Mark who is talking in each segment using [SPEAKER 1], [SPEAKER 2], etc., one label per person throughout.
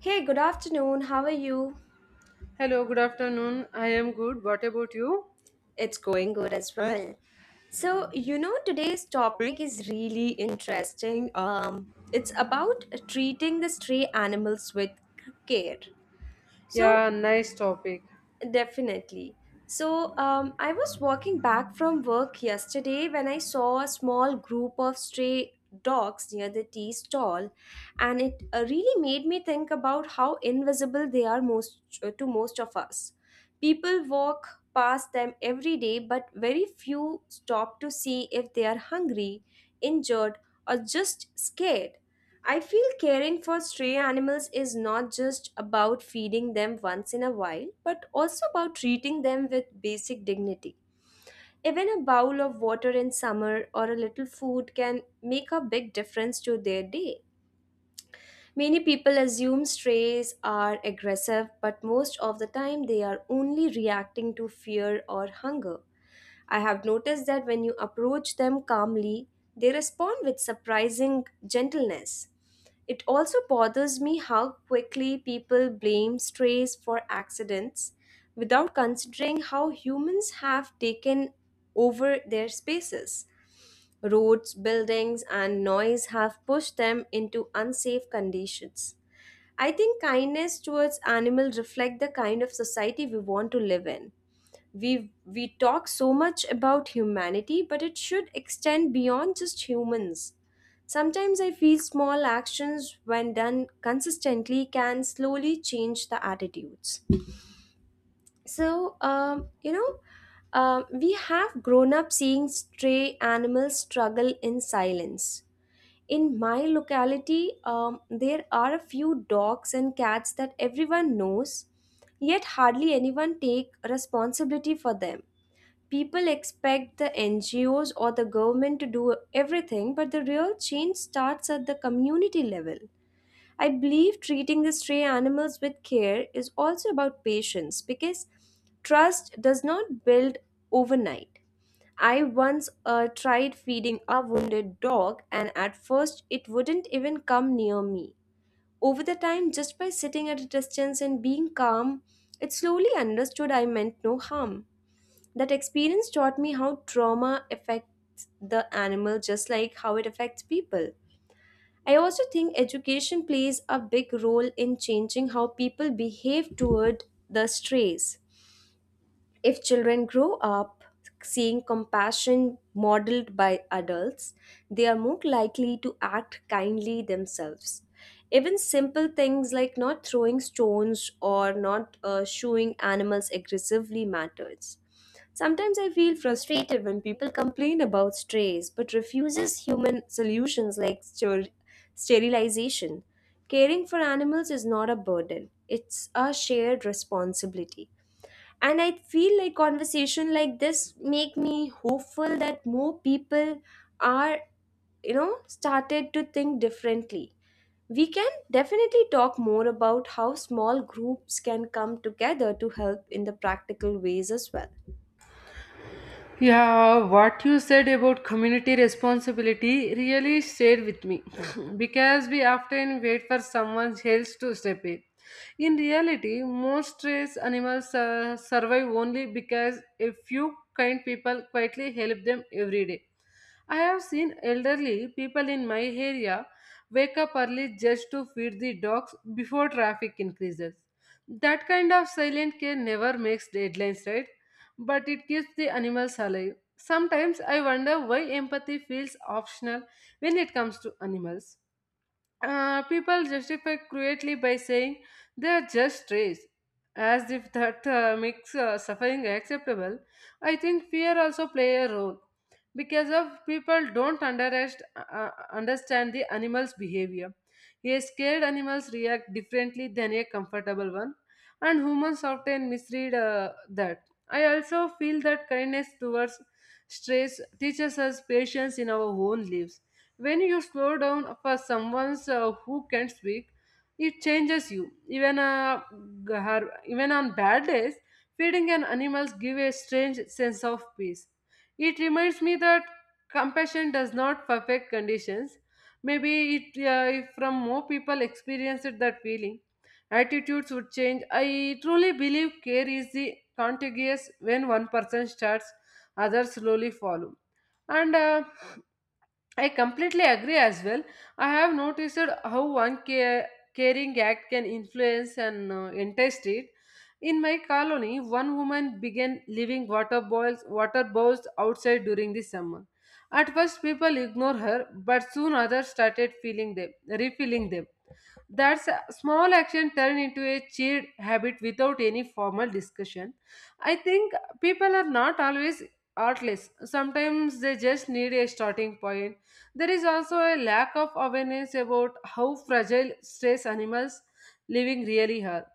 [SPEAKER 1] Hey, good afternoon. How are you?
[SPEAKER 2] Hello, good afternoon. I am good. What about you?
[SPEAKER 1] It's going good as well. Today's topic is really interesting. It's about treating the stray animals with care. So,
[SPEAKER 2] Yeah, nice topic.
[SPEAKER 1] Definitely. I was walking back from work yesterday when I saw a small group of stray dogs near the tea stall, and it really made me think about how invisible they are most to most of us. People walk past them every day, but very few stop to see if they are hungry, injured, or just scared. I feel caring for stray animals is not just about feeding them once in a while, but also about treating them with basic dignity. Even a bowl of water in summer or a little food can make a big difference to their day. Many people assume strays are aggressive, but most of the time they are only reacting to fear or hunger. I have noticed that when you approach them calmly, they respond with surprising gentleness. It also bothers me how quickly people blame strays for accidents without considering how humans have taken over their spaces. Roads, buildings, and noise have pushed them into unsafe conditions. I think kindness towards animals reflect the kind of society we want to live in. We talk so much about humanity, but it should extend beyond just humans. Sometimes I feel small actions when done consistently can slowly change the attitudes. so um, you know we have grown up seeing stray animals struggle in silence. In my locality, there are a few dogs and cats that everyone knows, yet hardly anyone take responsibility for them. People expect the NGOs or the government to do everything, but the real change starts at the community level. I believe treating the stray animals with care is also about patience, because trust does not build overnight. I once tried feeding a wounded dog, and at first it wouldn't even come near me. Over the time, just by sitting at a distance and being calm, it slowly understood I meant no harm. That experience taught me how trauma affects the animal just like how it affects people. I also think education plays a big role in changing how people behave toward the strays. If children grow up seeing compassion modeled by adults, they are more likely to act kindly themselves. Even simple things like not throwing stones or not shooing animals aggressively matters. Sometimes I feel frustrated when people complain about strays but refuses human solutions like sterilization. Caring for animals is not a burden, it's a shared responsibility, and I feel like conversation like this make me hopeful that more people are started to think differently. We can definitely talk more about how small groups can come together to help in the practical ways as well.
[SPEAKER 2] Yeah, what you said about community responsibility really stayed with me because we often wait for someone else to step in. In reality, most race animals survive only because a few kind people quietly help them every day. I have seen elderly people in my area wake up early just to feed the dogs before traffic increases. That kind of silent care never makes deadlines, right? But it keeps the animals alive. Sometimes I wonder why empathy feels optional when it comes to animals. People justify cruelty by saying they are just strays, as if that makes suffering acceptable. I think fear also play a role because of people don't understand the animal's behavior. A scared animals react differently than a comfortable one, and humans often misread that. I also feel that kindness towards strays teaches us patience in our own lives when you slow down for someone who can speak, it changes you. G- Even on bad days, feeding an animals give a strange sense of peace. It reminds me that compassion does not perfect conditions. Maybe if from more people experienced that feeling, attitudes would change. I truly believe care is the contagious when one person starts, others slowly follow. And I completely agree as well. I have noticed how caring act can influence an entire street. In my colony, one woman began leaving water bowls outside during the summer. At first, people ignore her, but soon others started feeling them, refilling them. That's a small action turn into a cheered habit without any formal discussion. I think people are not always artless. Sometimes they just need a starting point. There is also a lack of awareness about how fragile stress animals living really are.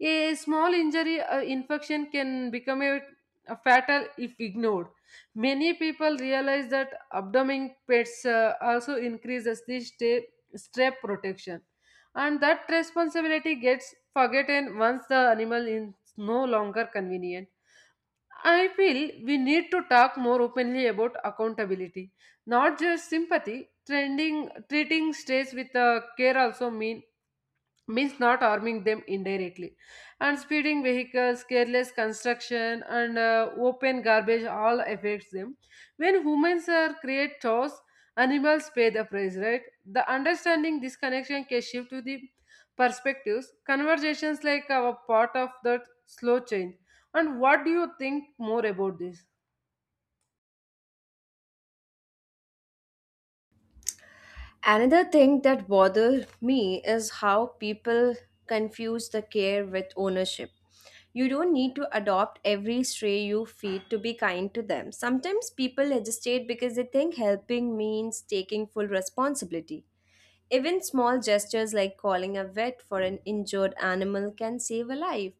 [SPEAKER 2] A small injury or infection can become a fatal if ignored. Many people realize that abdomen pets also increases the step protection, and that responsibility gets forgotten once the animal is no longer convenient. I feel we need to talk more openly about accountability, not just sympathy. Treating strays with care also means not harming them indirectly, and speeding vehicles, careless construction, and open garbage all affects them. When humans are create chores, animals pay the price, right? The understanding this connection can shift to the perspectives. Conversations like our part of that slow change. And what do you think more about this?
[SPEAKER 1] Another thing that bothers me is how people confuse the care with ownership. You don't need to adopt every stray you feed to be kind to them. Sometimes people legislate because they think helping means taking full responsibility. Even small gestures like calling a vet for an injured animal can save a life.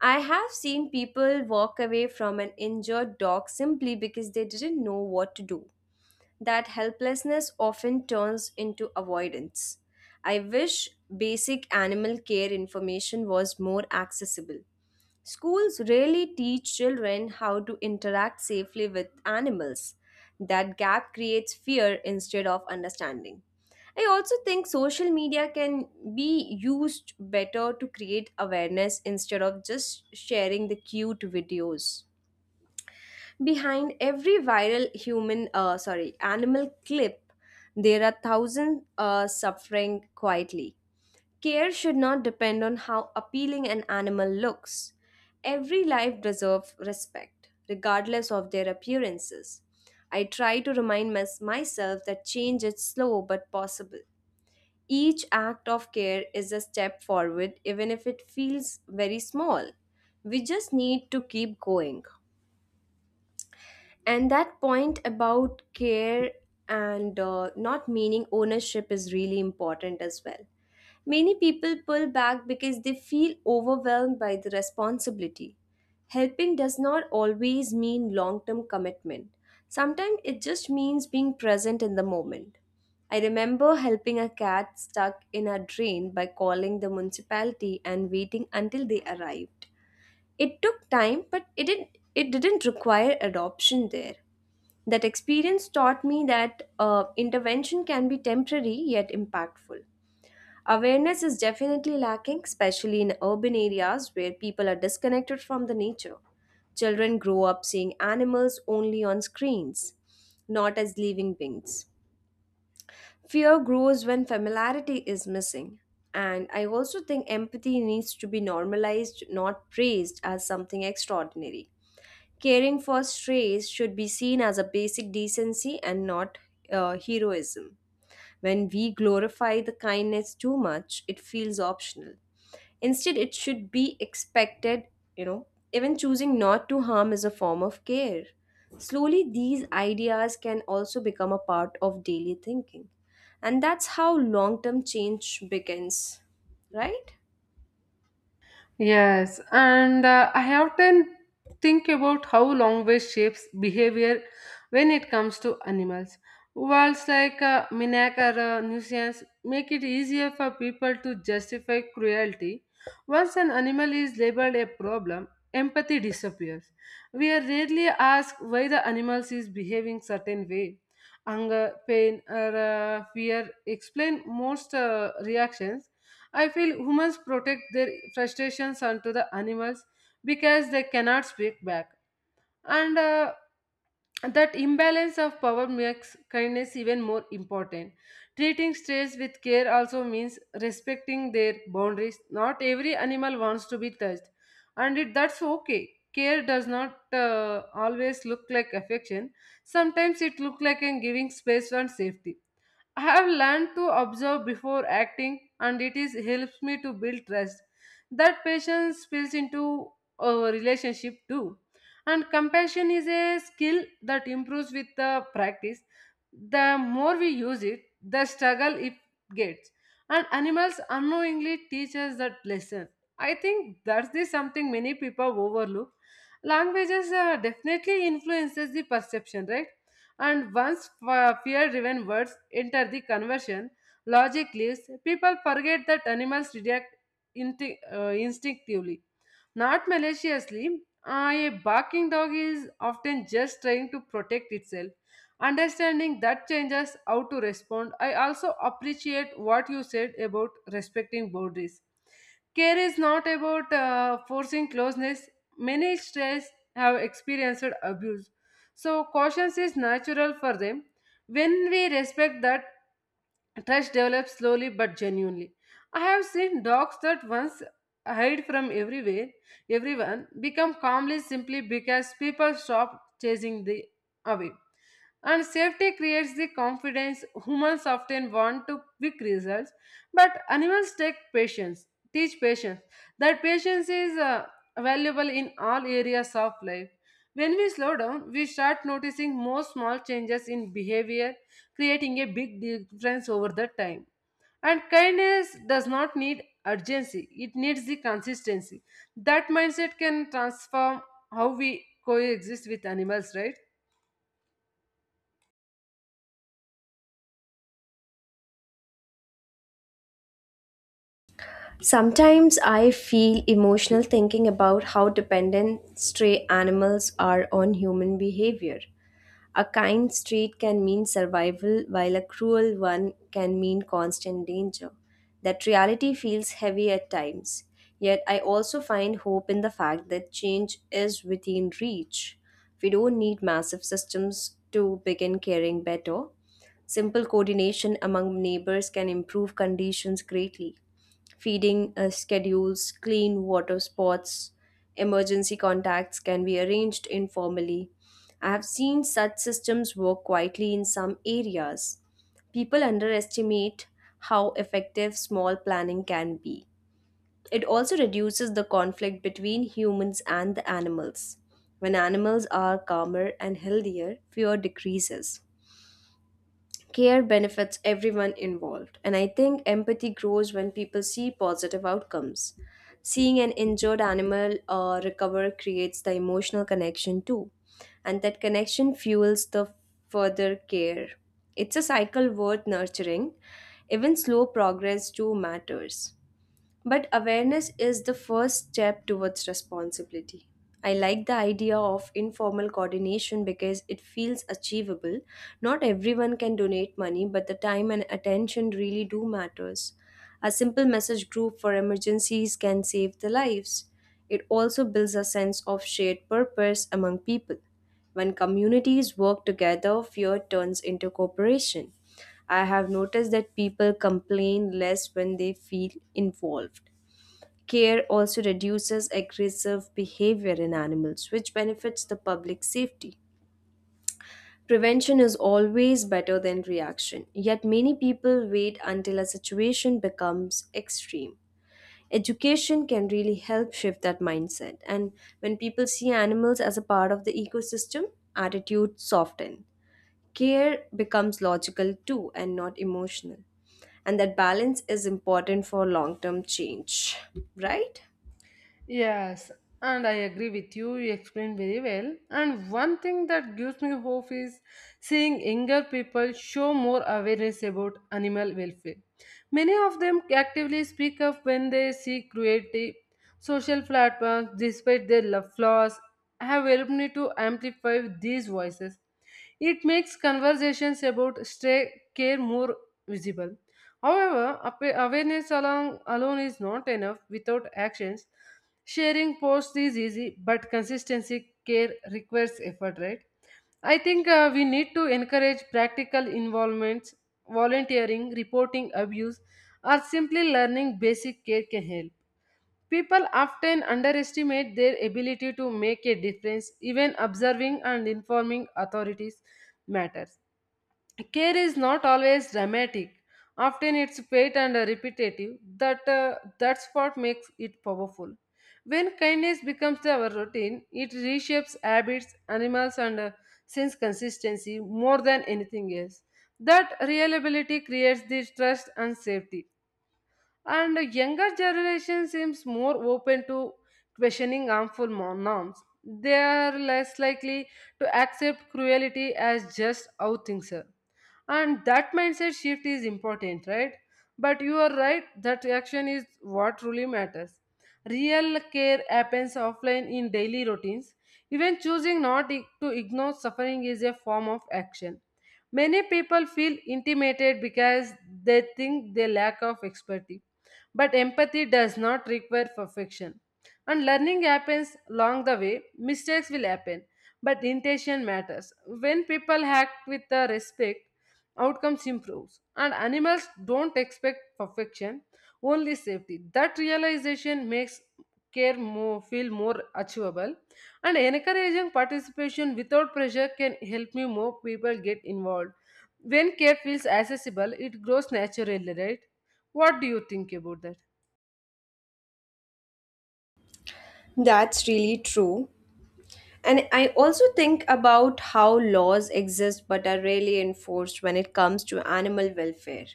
[SPEAKER 1] I have seen people walk away from an injured dog simply because they didn't know what to do. That helplessness often turns into avoidance. I wish basic animal care information was more accessible. Schools rarely teach children how to interact safely with animals. That gap creates fear instead of understanding. I also think social media can be used better to create awareness instead of just sharing the cute videos. Behind every viral animal clip, there are thousands suffering quietly. Care should not depend on how appealing an animal looks. Every life deserves respect, regardless of their appearances. I try to remind myself that change is slow but possible. Each act of care is a step forward, even if it feels very small. We just need to keep going. And that point about care and not meaning ownership is really important as well. Many people pull back because they feel overwhelmed by the responsibility. Helping does not always mean long term commitment, sometimes it just means being present in the moment. I remember helping a cat stuck in a drain by calling the municipality and waiting until they arrived. It took time, but it didn't require adoption there. That experience taught me that intervention can be temporary yet impactful. Awareness is definitely lacking, especially in urban areas where people are disconnected from the nature. Children grow up seeing animals only on screens, not as living beings. Fear grows when familiarity is missing. And I also think empathy needs to be normalized, not praised as something extraordinary. Caring for strays should be seen as a basic decency and not heroism. When we glorify the kindness too much, it feels optional. Instead, it should be expected, you know, even choosing not to harm is a form of care. Slowly, these ideas can also become a part of daily thinking. And that's how long term change begins, right?
[SPEAKER 2] Yes, and I often think about how language shapes behavior when it comes to animals. Words like Minak or nuisance make it easier for people to justify cruelty. Once an animal is labeled a problem, empathy disappears. We are rarely asked why the animal is behaving certain way. Anger, pain, or fear explain most reactions. I feel humans protect their frustrations onto the animals because they cannot speak back. And That imbalance of power makes kindness even more important. Treating strays with care also means respecting their boundaries. Not every animal wants to be touched, and that's okay. Care does not always look like affection. Sometimes it looks like in giving space and safety. I have learned to observe before acting, and it is helps me to build trust. That patience spills into a relationship too. And compassion is a skill that improves with the practice. The more we use it, the struggle it gets. And animals unknowingly teach us that lesson. I think that's the something many people overlook. Languages definitely influences the perception, right? And once fear driven words enter the conversation, logic leaves, people forget that animals react instinctively. Not maliciously, a barking dog is often just trying to protect itself. Understanding that changes how to respond. I also appreciate what you said about respecting boundaries. Care is not about forcing closeness. Many strays have experienced abuse, so caution is natural for them. When we respect that, trust develops slowly but genuinely. I have seen dogs that once hide from everywhere, everyone become calmly simply because people stop chasing them away. And safety creates the confidence. Humans often want to quick results, but animals teach patience. That patience is valuable in all areas of life. When we slow down, we start noticing more small changes in behavior, creating a big difference over the time. And kindness does not need urgency, it needs the consistency. That mindset can transform how we coexist with animals, right?
[SPEAKER 1] Sometimes I feel emotional thinking about how dependent stray animals are on human behavior. A kind street can mean survival, while a cruel one can mean constant danger. That reality feels heavy at times. Yet I also find hope in the fact that change is within reach. We don't need massive systems to begin caring better. Simple coordination among neighbors can improve conditions greatly. Feeding schedules, clean water spots, emergency contacts can be arranged informally. I have seen such systems work quietly in some areas. People underestimate how effective small planning can be. It also reduces the conflict between humans and the animals. When animals are calmer and healthier, fear decreases. Care benefits everyone involved, and I think empathy grows when people see positive outcomes. Seeing an injured animal recover creates the emotional connection too, and that connection fuels the further care. It's a cycle worth nurturing. Even slow progress too matters, but awareness is the first step towards responsibility. I like the idea of informal coordination because it feels achievable. Not everyone can donate money, but the time and attention really do matters. A simple message group for emergencies can save the lives. It also builds a sense of shared purpose among people. When communities work together, fear turns into cooperation. I have noticed that people complain less when they feel involved. Care also reduces aggressive behavior in animals, which benefits the public safety. Prevention is always better than reaction, yet, many people wait until a situation becomes extreme. Education can really help shift that mindset, and when people see animals as a part of the ecosystem, attitudes soften. Care becomes logical too and not emotional. And that balance is important for long term change, right?
[SPEAKER 2] Yes, and I agree with you. You explained very well. And one thing that gives me hope is seeing younger people show more awareness about animal welfare. Many of them actively speak up when they see cruelty. Social platforms, despite their love flaws, have helped me to amplify these voices. It makes conversations about stray care more visible. However, awareness alone is not enough without actions. Sharing posts is easy, but consistency care requires effort, right? I think we need to encourage practical involvements: volunteering, reporting abuse, or simply learning basic care can help. People often underestimate their ability to make a difference. Even observing and informing authorities matters. Care is not always dramatic, often it's paid and repetitive. That's what makes it powerful. When kindness becomes our routine, it reshapes habits. Animals and sense consistency more than anything else. That reliability creates the trust and safety. And the younger generation seems more open to questioning harmful norms. They are less likely to accept cruelty as just how things are, and that mindset shift is important, right? But you are right that action is what truly matters. Real care happens offline in daily routines. Even choosing not to ignore suffering is a form of action. Many people feel intimidated because they think they lack of expertise, but empathy does not require perfection. And learning happens along the way. Mistakes will happen, but intention matters. When people act with the respect, outcomes improves. And animals don't expect perfection, only safety. That realization makes care more feel more achievable, and encouraging participation without pressure can help me more people get involved. When care feels accessible, it grows naturally, right? What do you think about that?
[SPEAKER 1] That's really true. And I also think about how laws exist but are rarely enforced when it comes to animal welfare.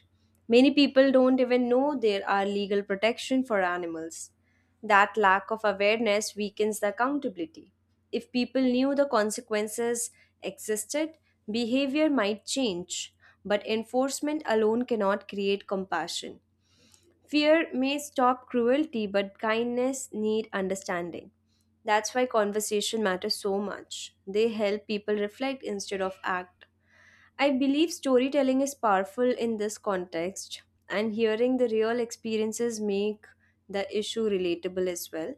[SPEAKER 1] Many people don't even know there are legal protection for animals. That lack of awareness weakens the accountability. If people knew the consequences existed, behavior might change, but enforcement alone cannot create compassion. Fear may stop cruelty, but kindness need understanding. That's why conversation matters so much. They help people reflect instead of act. I believe storytelling is powerful in this context, and hearing the real experiences make the issue relatable as well.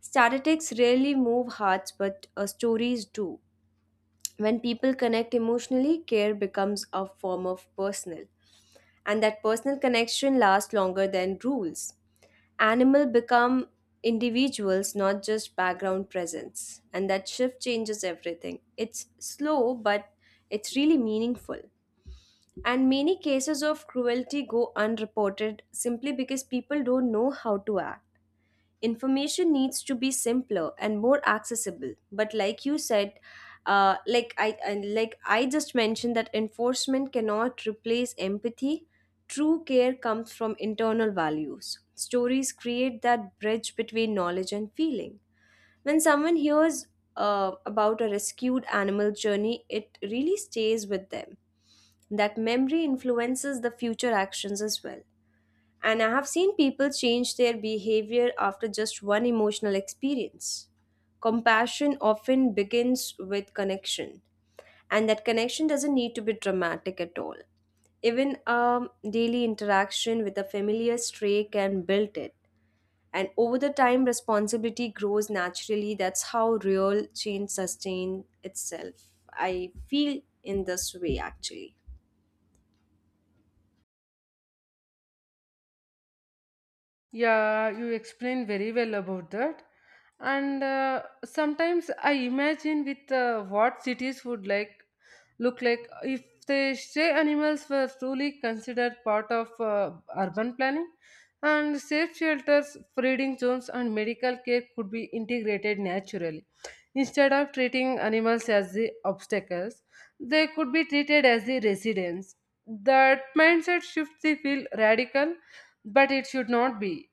[SPEAKER 1] Statistics rarely move hearts, but stories do. When people connect emotionally, care becomes a form of personal, and that personal connection lasts longer than rules. Animal become individuals, not just background presence, and that shift changes everything. It's slow, but it's really meaningful. And many cases of cruelty go unreported simply because people don't know how to act. Information needs to be simpler and more accessible, but like you said, like I just mentioned, that enforcement cannot replace empathy. True care comes from internal values. Stories create that bridge between knowledge and feeling. When someone hears about a rescued animal journey, it really stays with them. That memory influences the future actions as well. And I have seen people change their behavior after just one emotional experience. Compassion often begins with connection, and that connection doesn't need to be dramatic at all. Even a daily interaction with a familiar stray can build it. And over the time, responsibility grows naturally. That's how real change sustains itself. I feel in this way actually.
[SPEAKER 2] Yeah, you explain very well about that. And sometimes I imagine with what cities would like look like if the stray animals were truly considered part of urban planning, and safe shelters, breeding zones, and medical care could be integrated naturally. Instead of treating animals as the obstacles, they could be treated as the residents. That mindset shift they feel radical, but it should not be.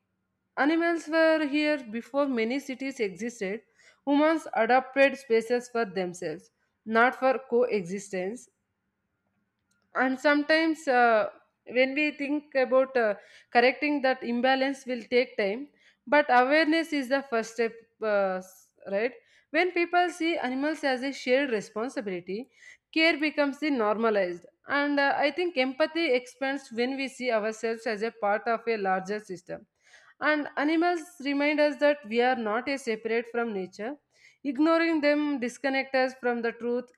[SPEAKER 2] Animals were here before many cities existed. Humans adapted spaces for themselves, not for coexistence. And sometimes when we think about correcting that imbalance will take time, but awareness is the first step, right? When people see animals as a shared responsibility, care becomes the normalized. And I think empathy expands when we see ourselves as a part of a larger system. And animals remind us that we are not a separate from nature. Ignoring them disconnects us from the truth.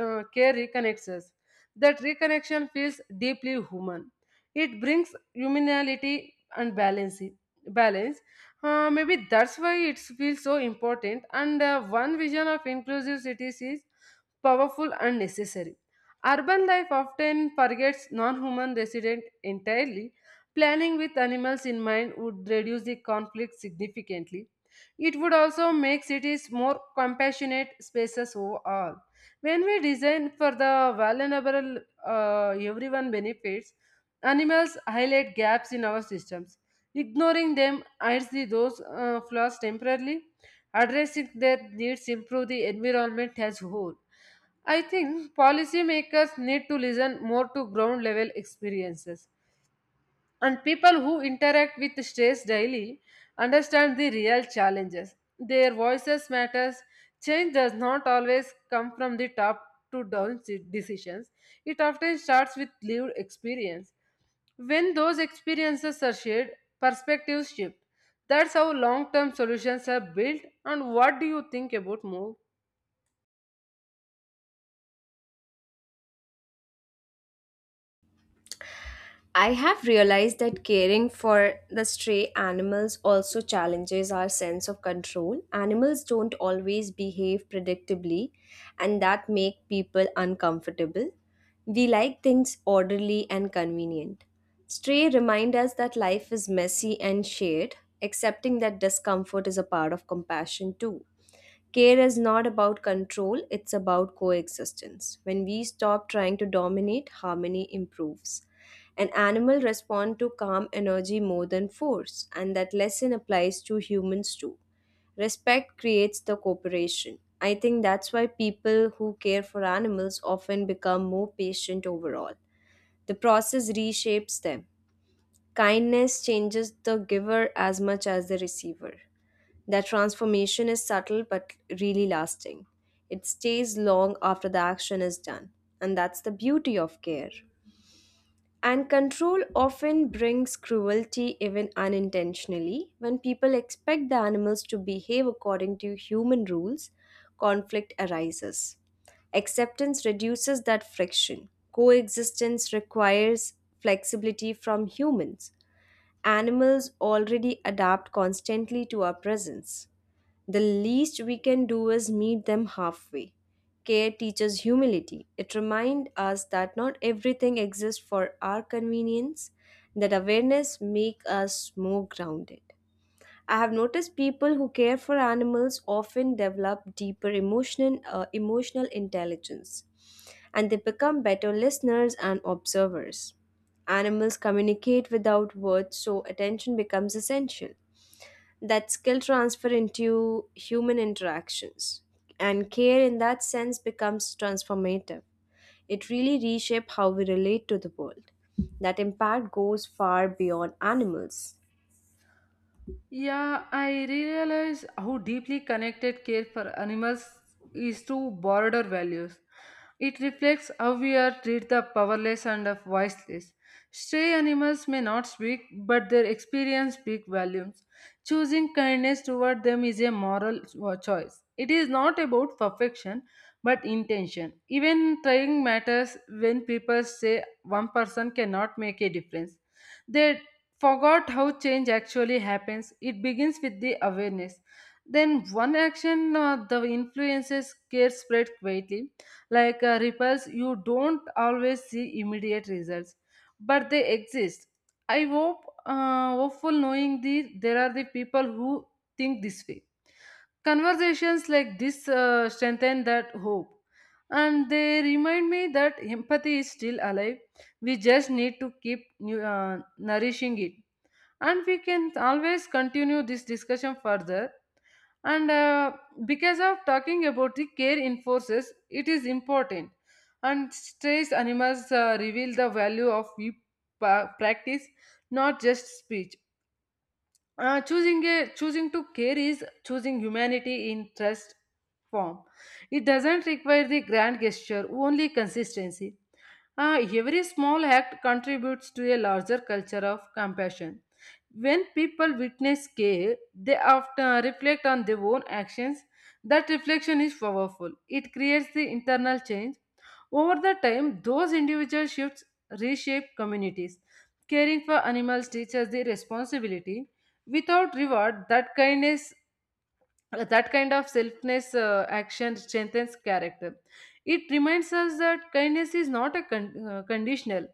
[SPEAKER 2] Care reconnects us. That reconnection feels deeply human. It brings humanity and balance. Balance. Maybe that's why it feels so important. And one vision of inclusive cities is powerful and necessary. Urban life often forgets non human residents entirely. Planning with animals in mind would reduce the conflict significantly. It would also make cities more compassionate spaces overall. When we design for the vulnerable, everyone benefits. Animals highlight gaps in our systems. Ignoring them hides those flaws temporarily. Addressing their needs improve the environment as whole. I think policymakers need to listen more to ground level experiences, and people who interact with stress daily understand the real challenges. Their voices matters. Change does not always come from the top to down decisions. It often starts with lived experience. When those experiences are shared, perspectives shift. That's how long term solutions are built. And what do you think about move?
[SPEAKER 1] I have realized that caring for the stray animals also challenges our sense of control. Animals don't always behave predictably, and that make people uncomfortable. We like things orderly and convenient. Stray remind us that life is messy and shared, accepting that discomfort is a part of compassion too. Care is not about control, it's about coexistence. When we stop trying to dominate, harmony improves. An animal respond to calm energy more than force, and that lesson applies to humans too. Respect creates the cooperation. I think that's why people who care for animals often become more patient overall. The process reshapes them. Kindness changes the giver as much as the receiver. That transformation is subtle but really lasting. It stays long after the action is done, and that's the beauty of care. And control often brings cruelty, even unintentionally. When people expect the animals to behave according to human rules, conflict arises. Acceptance reduces that friction. Coexistence requires flexibility from humans. Animals already adapt constantly to our presence. The least we can do is meet them halfway. Care teaches humility. It reminds us that not everything exists for our convenience, that awareness makes us more grounded. I have noticed people who care for animals often develop deeper emotional intelligence, and they become better listeners and observers. Animals communicate without words, so attention becomes essential. That skill transfer into human interactions, and care in that sense becomes transformative. It really reshapes how we relate to the world. That impact goes far beyond animals.
[SPEAKER 2] Yeah, I realize how deeply connected care for animals is to broader values. It reflects how we are treat the powerless and the voiceless. Stray animals may not speak, but their experience speak volumes. Choosing kindness toward them is a moral choice. It is not about perfection, but intention. Even trying matters when people say one person cannot make a difference. They forgot how change actually happens. It begins with the awareness. Then one action, the influences care spread quietly, like ripples. You don't always see immediate results, but they exist. I hope, hopeful knowing the there are the people who think this way. Conversations like this strengthen that hope, and they remind me that empathy is still alive. We just need to keep nourishing it, and we can always continue this discussion further. And because of talking about the care in forces, it is important. And stressed animals reveal the value of we practice, not just speech. Uh, choosing a, Choosing to care is choosing humanity in trust form. It doesn't require the grand gesture, only consistency. Every small act contributes to a larger culture of compassion. When people witness care, they often reflect on their own actions. That reflection is powerful. It creates the internal change. Over the time, those individual shifts reshape communities. Caring for animals teaches the responsibility. Without reward, that kindness that kind of selfless action strengthens character. It reminds us that kindness is not a conditional.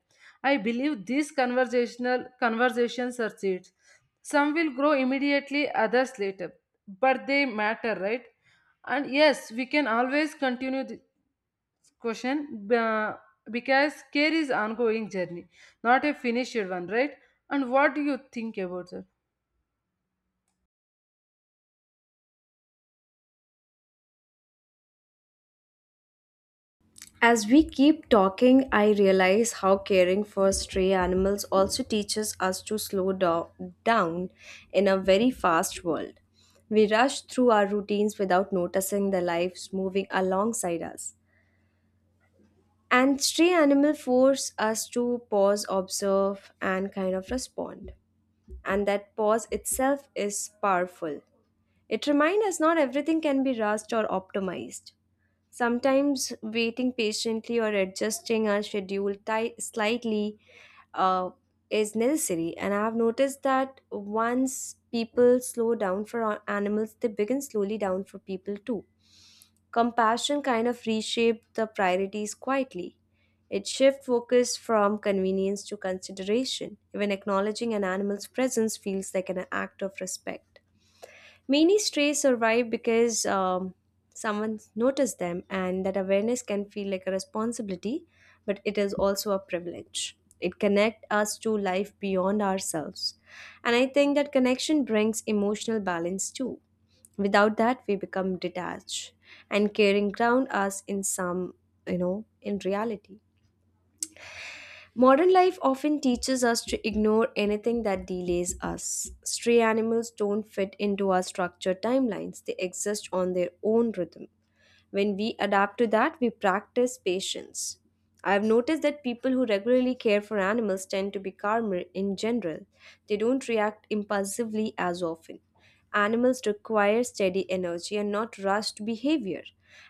[SPEAKER 2] I believe these conversational conversations are seeds. Some will grow immediately, others later, but they matter, right? And yes, we can always continue this question, uh, because care is ongoing journey, not a finished one, right? And what do you think about that?
[SPEAKER 1] As we keep talking, I realize how caring for stray animals also teaches us to slow down in a very fast world. We rush through our routines without noticing the lives moving alongside us. And stray animal force us to pause, observe, and kind of respond. And that pause itself is powerful. It reminds us not everything can be rushed or optimized. Sometimes waiting patiently or adjusting our schedule slightly uh, is necessary. And I have noticed that once people slow down for animals, they begin slowly down for people too. Compassion kind of reshaped the priorities quietly. It shifted focus from convenience to consideration. Even acknowledging an animal's presence feels like an act of respect. Many strays survive because someone noticed them, and that awareness can feel like a responsibility, but it is also a privilege. It connects us to life beyond ourselves. And I think that connection brings emotional balance too. Without that, we become detached, and caring ground us in some, you know, in reality. Modern life often teaches us to ignore anything that delays us. Stray animals don't fit into our structured timelines, they exist on their own rhythm. When we adapt to that, we practice patience. I've noticed that people who regularly care for animals tend to be calmer in general. They don't react impulsively as often. Animals require steady energy and not rushed behavior,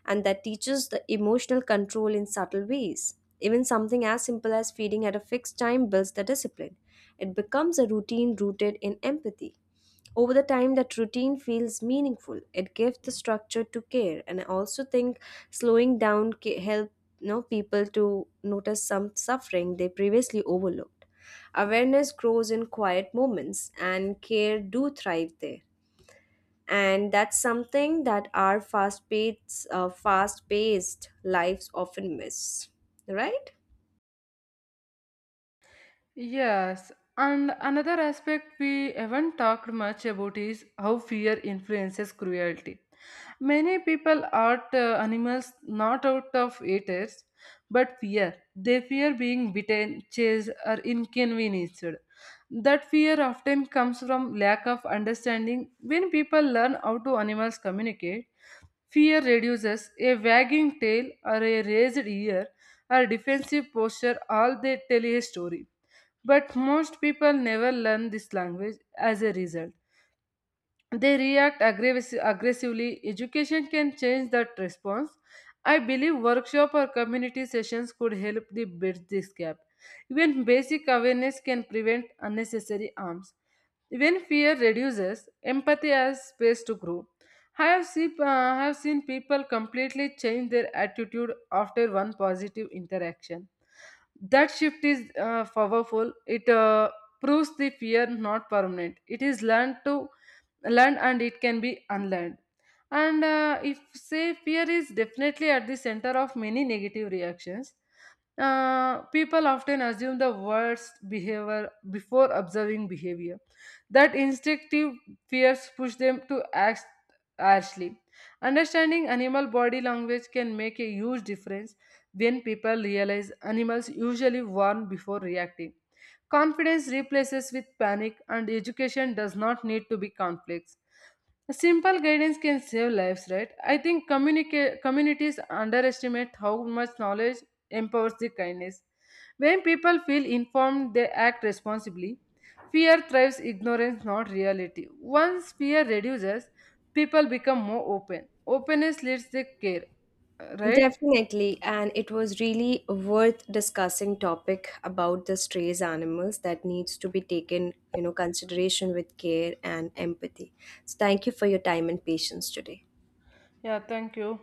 [SPEAKER 1] and that teaches the emotional control in subtle ways. Even something as simple as feeding at a fixed time builds the discipline. It becomes a routine rooted in empathy. Over the time, that routine feels meaningful. It gives the structure to care, and I also think slowing down help, you know, people to notice some suffering they previously overlooked. Awareness grows in quiet moments, and care do thrive there. And that's something that our fast-paced lives often miss, right?
[SPEAKER 2] Yes, and another aspect we haven't talked much about is how fear influences cruelty. Many people hurt animals not out of haters but fear. They fear being bitten, chased, or inconvenienced. That fear often comes from lack of understanding. When people learn how to animals communicate, fear reduces. A wagging tail, or a raised ear, or defensive posture, all they tell a story. But most people never learn this language. As a result, they react aggressively. Education can change that response. I believe workshop or community sessions could help the bridge this gap. Even basic awareness can prevent unnecessary harms. When fear reduces, empathy has space to grow. I have seen people completely change their attitude after one positive interaction. That shift is powerful. It proves the fear not permanent. It is learned, and it can be unlearned. And if say fear is definitely at the center of many negative reactions. People often assume the worst behavior before observing behavior. That instinctive fears push them to act harshly. Understanding animal body language can make a huge difference. When people realize animals usually warn before reacting, confidence replaces with panic. And education does not need to be complex, simple guidance can save lives, right? I think communities underestimate how much knowledge empowers the kindness. When people feel informed, they act responsibly. Fear thrives, ignorance, not reality. Once fear reduces, people become more open. Openness leads to care, right?
[SPEAKER 1] Definitely, and it was really worth discussing topic about the strays animals that needs to be taken, you know, consideration with care and empathy. So thank you for your time and patience today.
[SPEAKER 2] Yeah, thank you.